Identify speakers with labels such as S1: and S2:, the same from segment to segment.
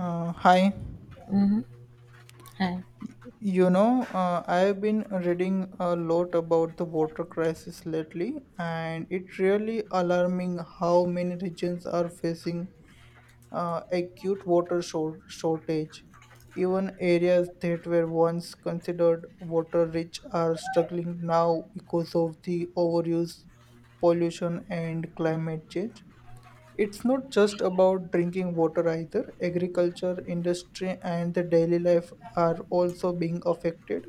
S1: Hi.
S2: Mhm. Hi.
S1: I've been reading a lot about the water crisis lately, and it's really alarming how many regions are facing acute shortage. Even areas that were once considered water rich are struggling now because of the overuse, pollution, and climate change. It's not just about drinking water either. Agriculture, industry, and the daily life are also being affected.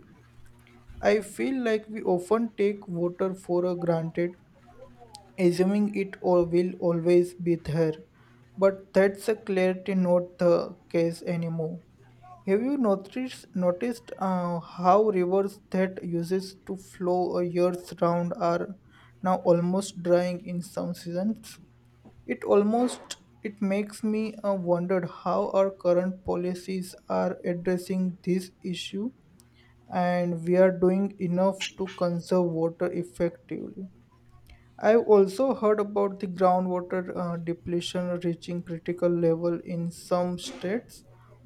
S1: I feel like we often take water for granted, assuming it all will always be there. But that's a clarity not the case anymore. Have you noticed how rivers that uses to flow years round are now almost drying in some seasons? It almost it makes me wonder how our current policies are addressing this issue and we are doing enough to conserve water effectively. I've also heard about the groundwater depletion reaching critical level in some states.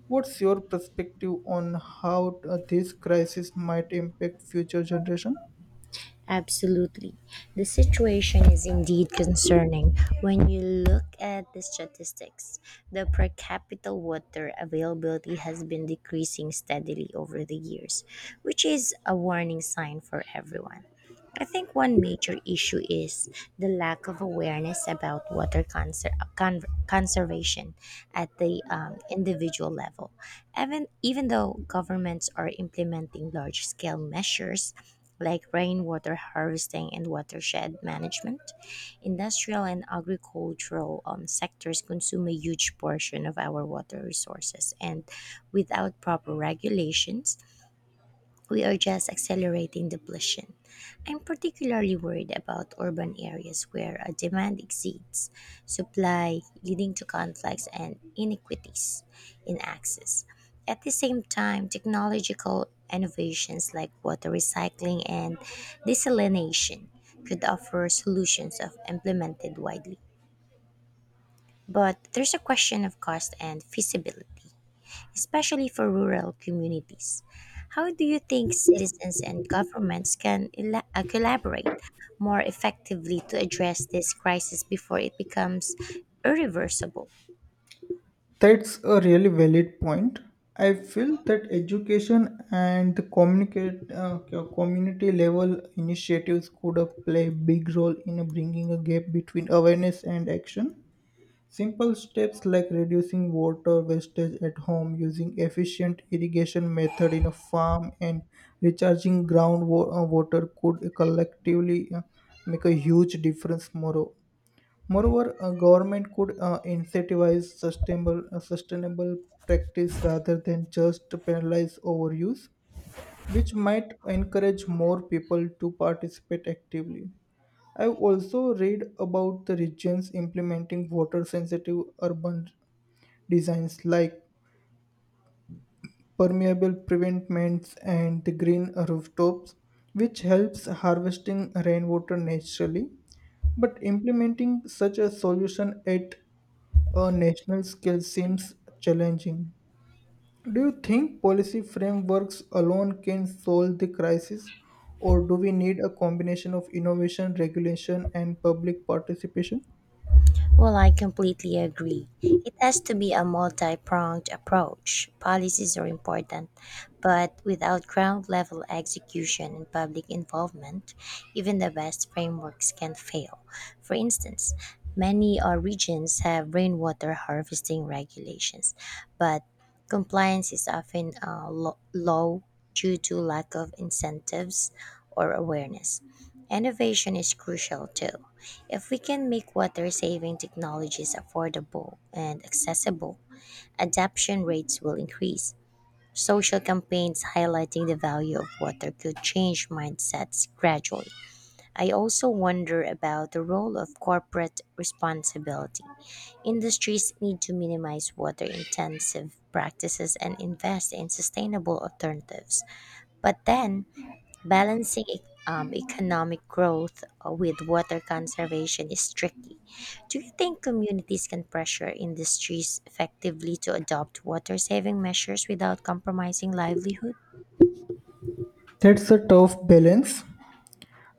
S1: What's your perspective on how this crisis might impact future generation?
S2: Absolutely. The situation is indeed concerning when you look at the statistics. The per capita water availability has been decreasing steadily over the years, which is a warning sign for everyone. I think one major issue is the lack of awareness about water conservation at the individual level. Even though governments are implementing large scale measures like rainwater harvesting and watershed management, industrial and agricultural sectors consume a huge portion of our water resources. And without proper regulations, we are just accelerating depletion. I'm particularly worried about urban areas where a demand exceeds supply, leading to conflicts and inequities in access. At the same time, technological innovations like water recycling and desalination could offer solutions if implemented widely. But there's a question of cost and feasibility, especially for rural communities. How do you think citizens and governments can collaborate more effectively to address this crisis before it becomes irreversible?
S1: That's a really valid point. I feel that education and the communicate community level initiatives could play a big role in bringing a gap between awareness and action. Simple steps like reducing water wastage at home, using efficient irrigation method in a farm, and recharging water could collectively make a huge difference. Moreover, a government could incentivize sustainable practice rather than just penalize overuse, which might encourage more people to participate actively. I've also read about the regions implementing water sensitive urban designs like permeable pavements and the green rooftops, which helps harvesting rainwater naturally. But implementing such a solution at a national scale seems challenging. Do you think policy frameworks alone can solve the crisis, or do we need a combination of innovation, regulation, and public participation?
S2: Well, I completely agree. It has to be a multi pronged approach. Policies are important, but without ground level execution and public involvement, even the best frameworks can fail. For instance, many regions have rainwater harvesting regulations, but compliance is often low due to lack of incentives or awareness. Innovation is crucial too, if we can make water saving technologies affordable and accessible, adoption rates will increase. Social campaigns highlighting the value of water could change mindsets gradually. I also wonder about the role of corporate responsibility. Industries need to minimize water intensive practices and invest in sustainable alternatives. But then, balancing economic growth with water conservation is tricky. Do you think communities can pressure industries effectively to adopt water saving measures without compromising livelihood?
S1: That's a tough balance.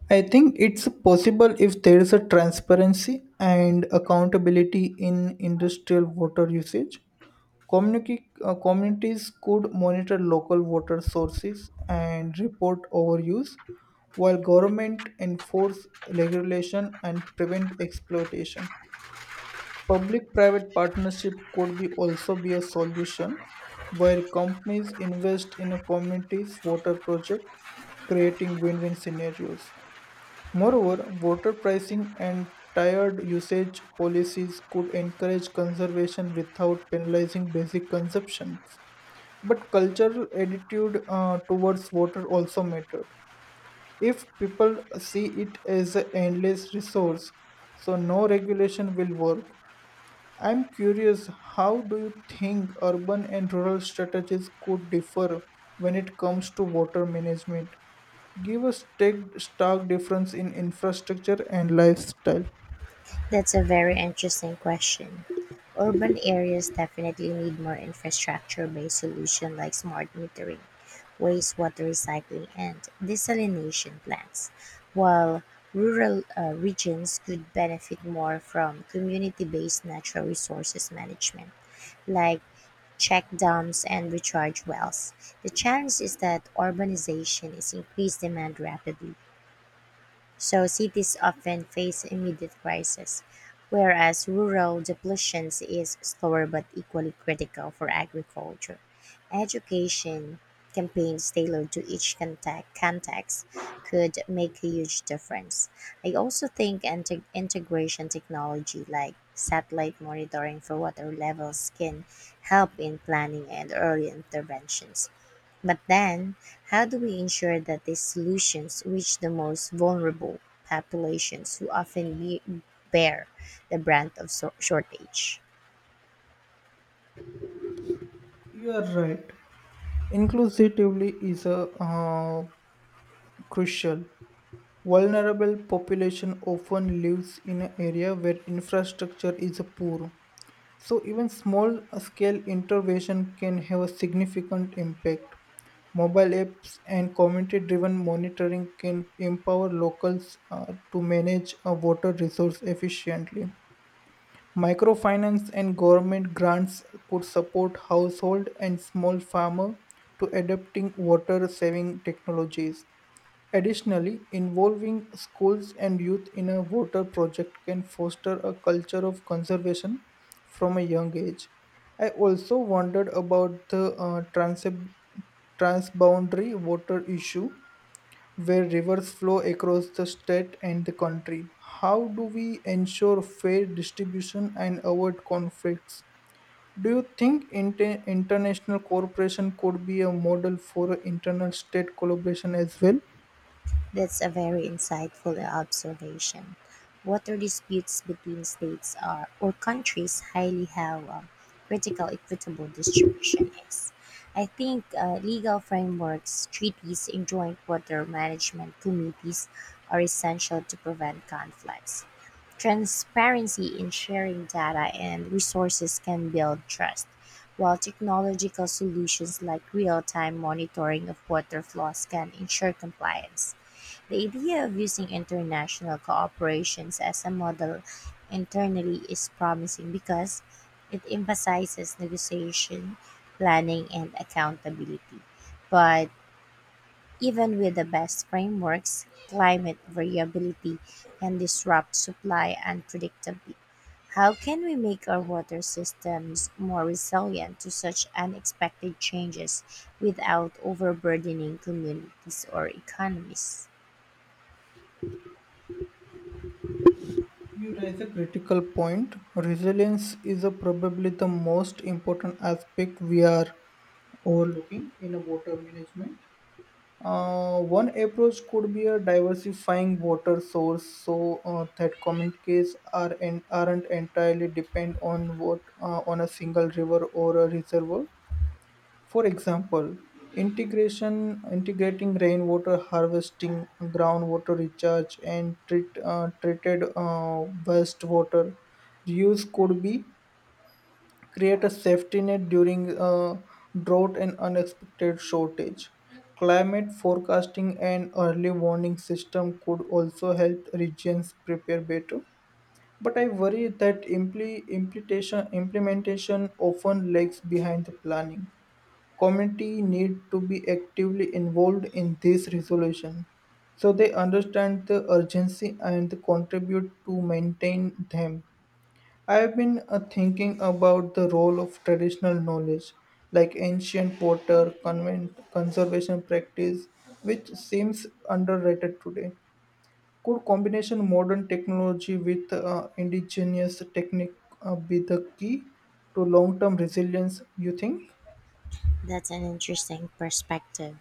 S1: I think it's possible if there is a transparency and accountability in industrial water usage. Communities could monitor local water sources and report overuse, while government enforce regulation and prevent exploitation. Public-private partnership could be also be a solution, where companies invest in a community's water project, creating win-win scenarios. Moreover, water pricing and tiered usage policies could encourage conservation without penalizing basic consumption. But cultural attitude towards water also mattered. If people see it as an endless resource, so no regulation will work. I'm curious, how do you think urban and rural strategies could differ when it comes to water management? Give a stark difference in infrastructure and lifestyle.
S2: That's a very interesting question. Urban areas definitely need more infrastructure based solutions like smart metering, wastewater recycling, and desalination plants, while rural regions could benefit more from community based natural resources management like check dams and recharge wells. The challenge is that urbanization is increased demand rapidly, so cities often face immediate crises, whereas rural depletion is slower but equally critical for agriculture. Education campaigns tailored to each context could make a huge difference. I also think integration technology like satellite monitoring for water levels can help in planning and early interventions. But then, how do we ensure that these solutions reach the most vulnerable populations who often bear the brunt of shortage?
S1: You are right. Inclusivity is a uh, crucial. Vulnerable population often lives in an area where infrastructure is poor. So, even small scale intervention can have a significant impact. Mobile apps and community driven monitoring can empower locals to manage a water resource efficiently. Microfinance and government grants could support household and small farmer to adopting water saving technologies. Additionally, involving schools and youth in a water project can foster a culture of conservation from a young age. I also wondered about the transboundary water issue where rivers flow across the state and the country. How do we ensure fair distribution and avoid conflicts? Do you think international cooperation could be a model for internal state collaboration as well?
S2: That's a very insightful observation. Water disputes between states are or countries highly how critical equitable distribution is. I think legal frameworks, treaties, and joint water management committees are essential to prevent conflicts. Transparency in sharing data and resources can build trust, while technological solutions like real-time monitoring of water flows can ensure compliance. The idea of using international cooperations as a model internally is promising because it emphasizes negotiation, planning, and accountability. But even with the best frameworks, climate variability can disrupt supply unpredictably. How can we make our water systems more resilient to such unexpected changes without overburdening communities or economies?
S1: You raise a critical point. Resilience is a probably the most important aspect we are overlooking in a water management. One approach could be a diversifying water source so that communities are aren't entirely depend on what on a single river or a reservoir. For example, integration integrating rainwater harvesting, groundwater recharge, and treated wastewater reuse could be create a safety net during drought and unexpected shortage. Climate forecasting and early warning system could also help regions prepare better. But I worry that implementation often lags behind the planning. Community need to be actively involved in this resolution so they understand the urgency and contribute to maintain them. I have been thinking about the role of traditional knowledge like ancient potter convent conservation practice, which seems underrated today. Could combination modern technology with indigenous technique be the key to long term resilience you think?
S2: That's an interesting perspective.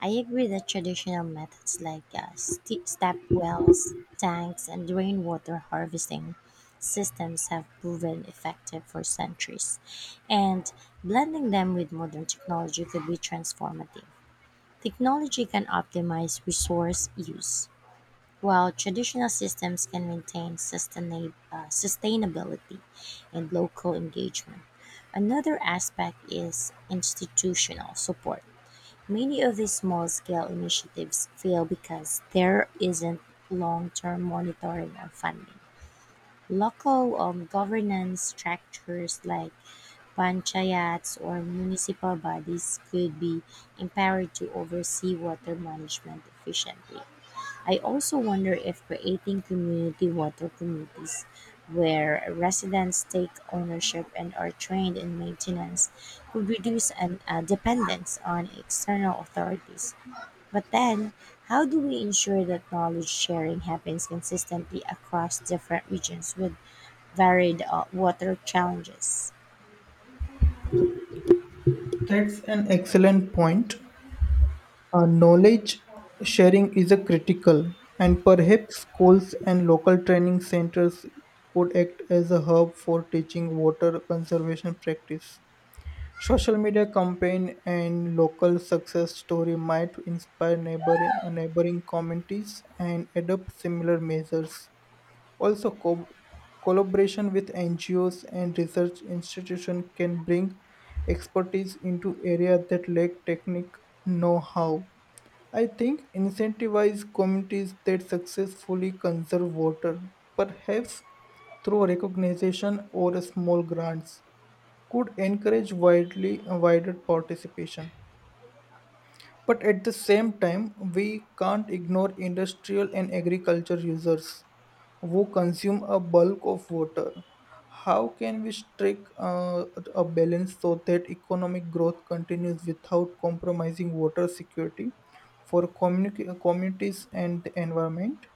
S2: I agree that traditional methods like step wells, tanks, and rainwater harvesting systems have proven effective for centuries, and blending them with modern technology could be transformative. Technology can optimize resource use, while traditional systems can maintain sustainability and local engagement. Another aspect is institutional support. Many of these small scale initiatives fail because there isn't long term monitoring or funding. Local governance structures like panchayats or municipal bodies could be empowered to oversee water management efficiently. I also wonder if creating community water committees where residents take ownership and are trained in maintenance could reduce dependence on external authorities. But then, how do we ensure that knowledge sharing happens consistently across different regions with varied water challenges?
S1: That's an excellent point. Knowledge sharing is a critical, and perhaps schools and local training centers could act as a hub for teaching water conservation practice. Social media campaign and local success story might inspire neighboring communities and adopt similar measures. Also, collaboration with NGOs and research institutions can bring expertise into areas that lack technical know-how. I think incentivize communities that successfully conserve water, perhaps through recognition or small grants, could encourage widely wider participation. But at the same time, we can't ignore industrial and agriculture users who consume a bulk of water. How can we strike a balance so that economic growth continues without compromising water security for communities and the environment?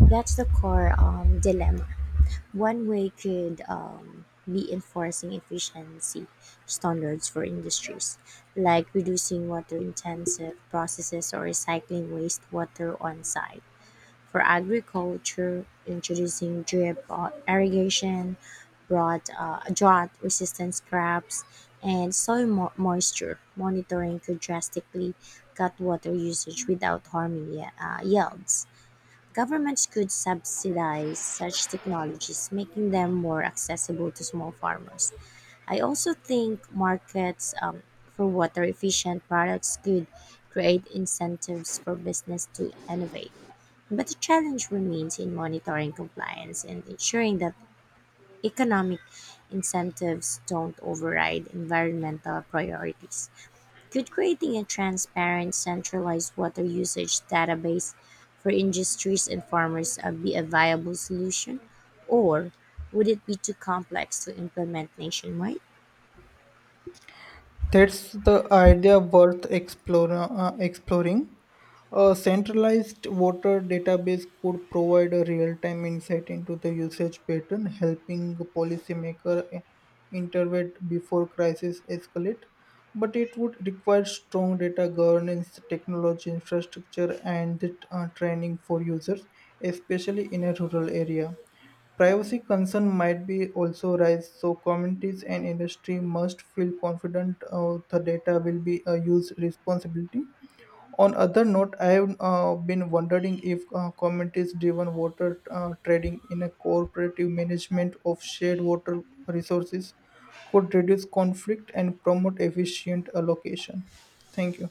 S2: That's the core dilemma. One way could be enforcing efficiency standards for industries, like reducing water intensive processes or recycling wastewater on site. For agriculture, introducing drip irrigation, broad drought resistant crops, and soil moisture monitoring could drastically cut water usage without harming yields. Governments could subsidize such technologies, making them more accessible to small farmers. I also think markets for water efficient products could create incentives for business to innovate. But the challenge remains in monitoring compliance and ensuring that economic incentives don't override environmental priorities. Could creating a transparent, centralized water usage database for industries and farmers be a viable solution, or would it be too complex to implement nationwide?
S1: That's the idea worth exploring. A centralized water database could provide a real-time insight into the usage pattern, helping policymakers intervene before crises escalate. But it would require strong data governance, technology infrastructure, and training for users, especially in a rural area. Privacy concern might be also rise, so communities and industry must feel confident the data will be used responsibly. On other note, I have been wondering if communities-driven water trading in a cooperative management of shared water resources could reduce conflict and promote efficient allocation. Thank you.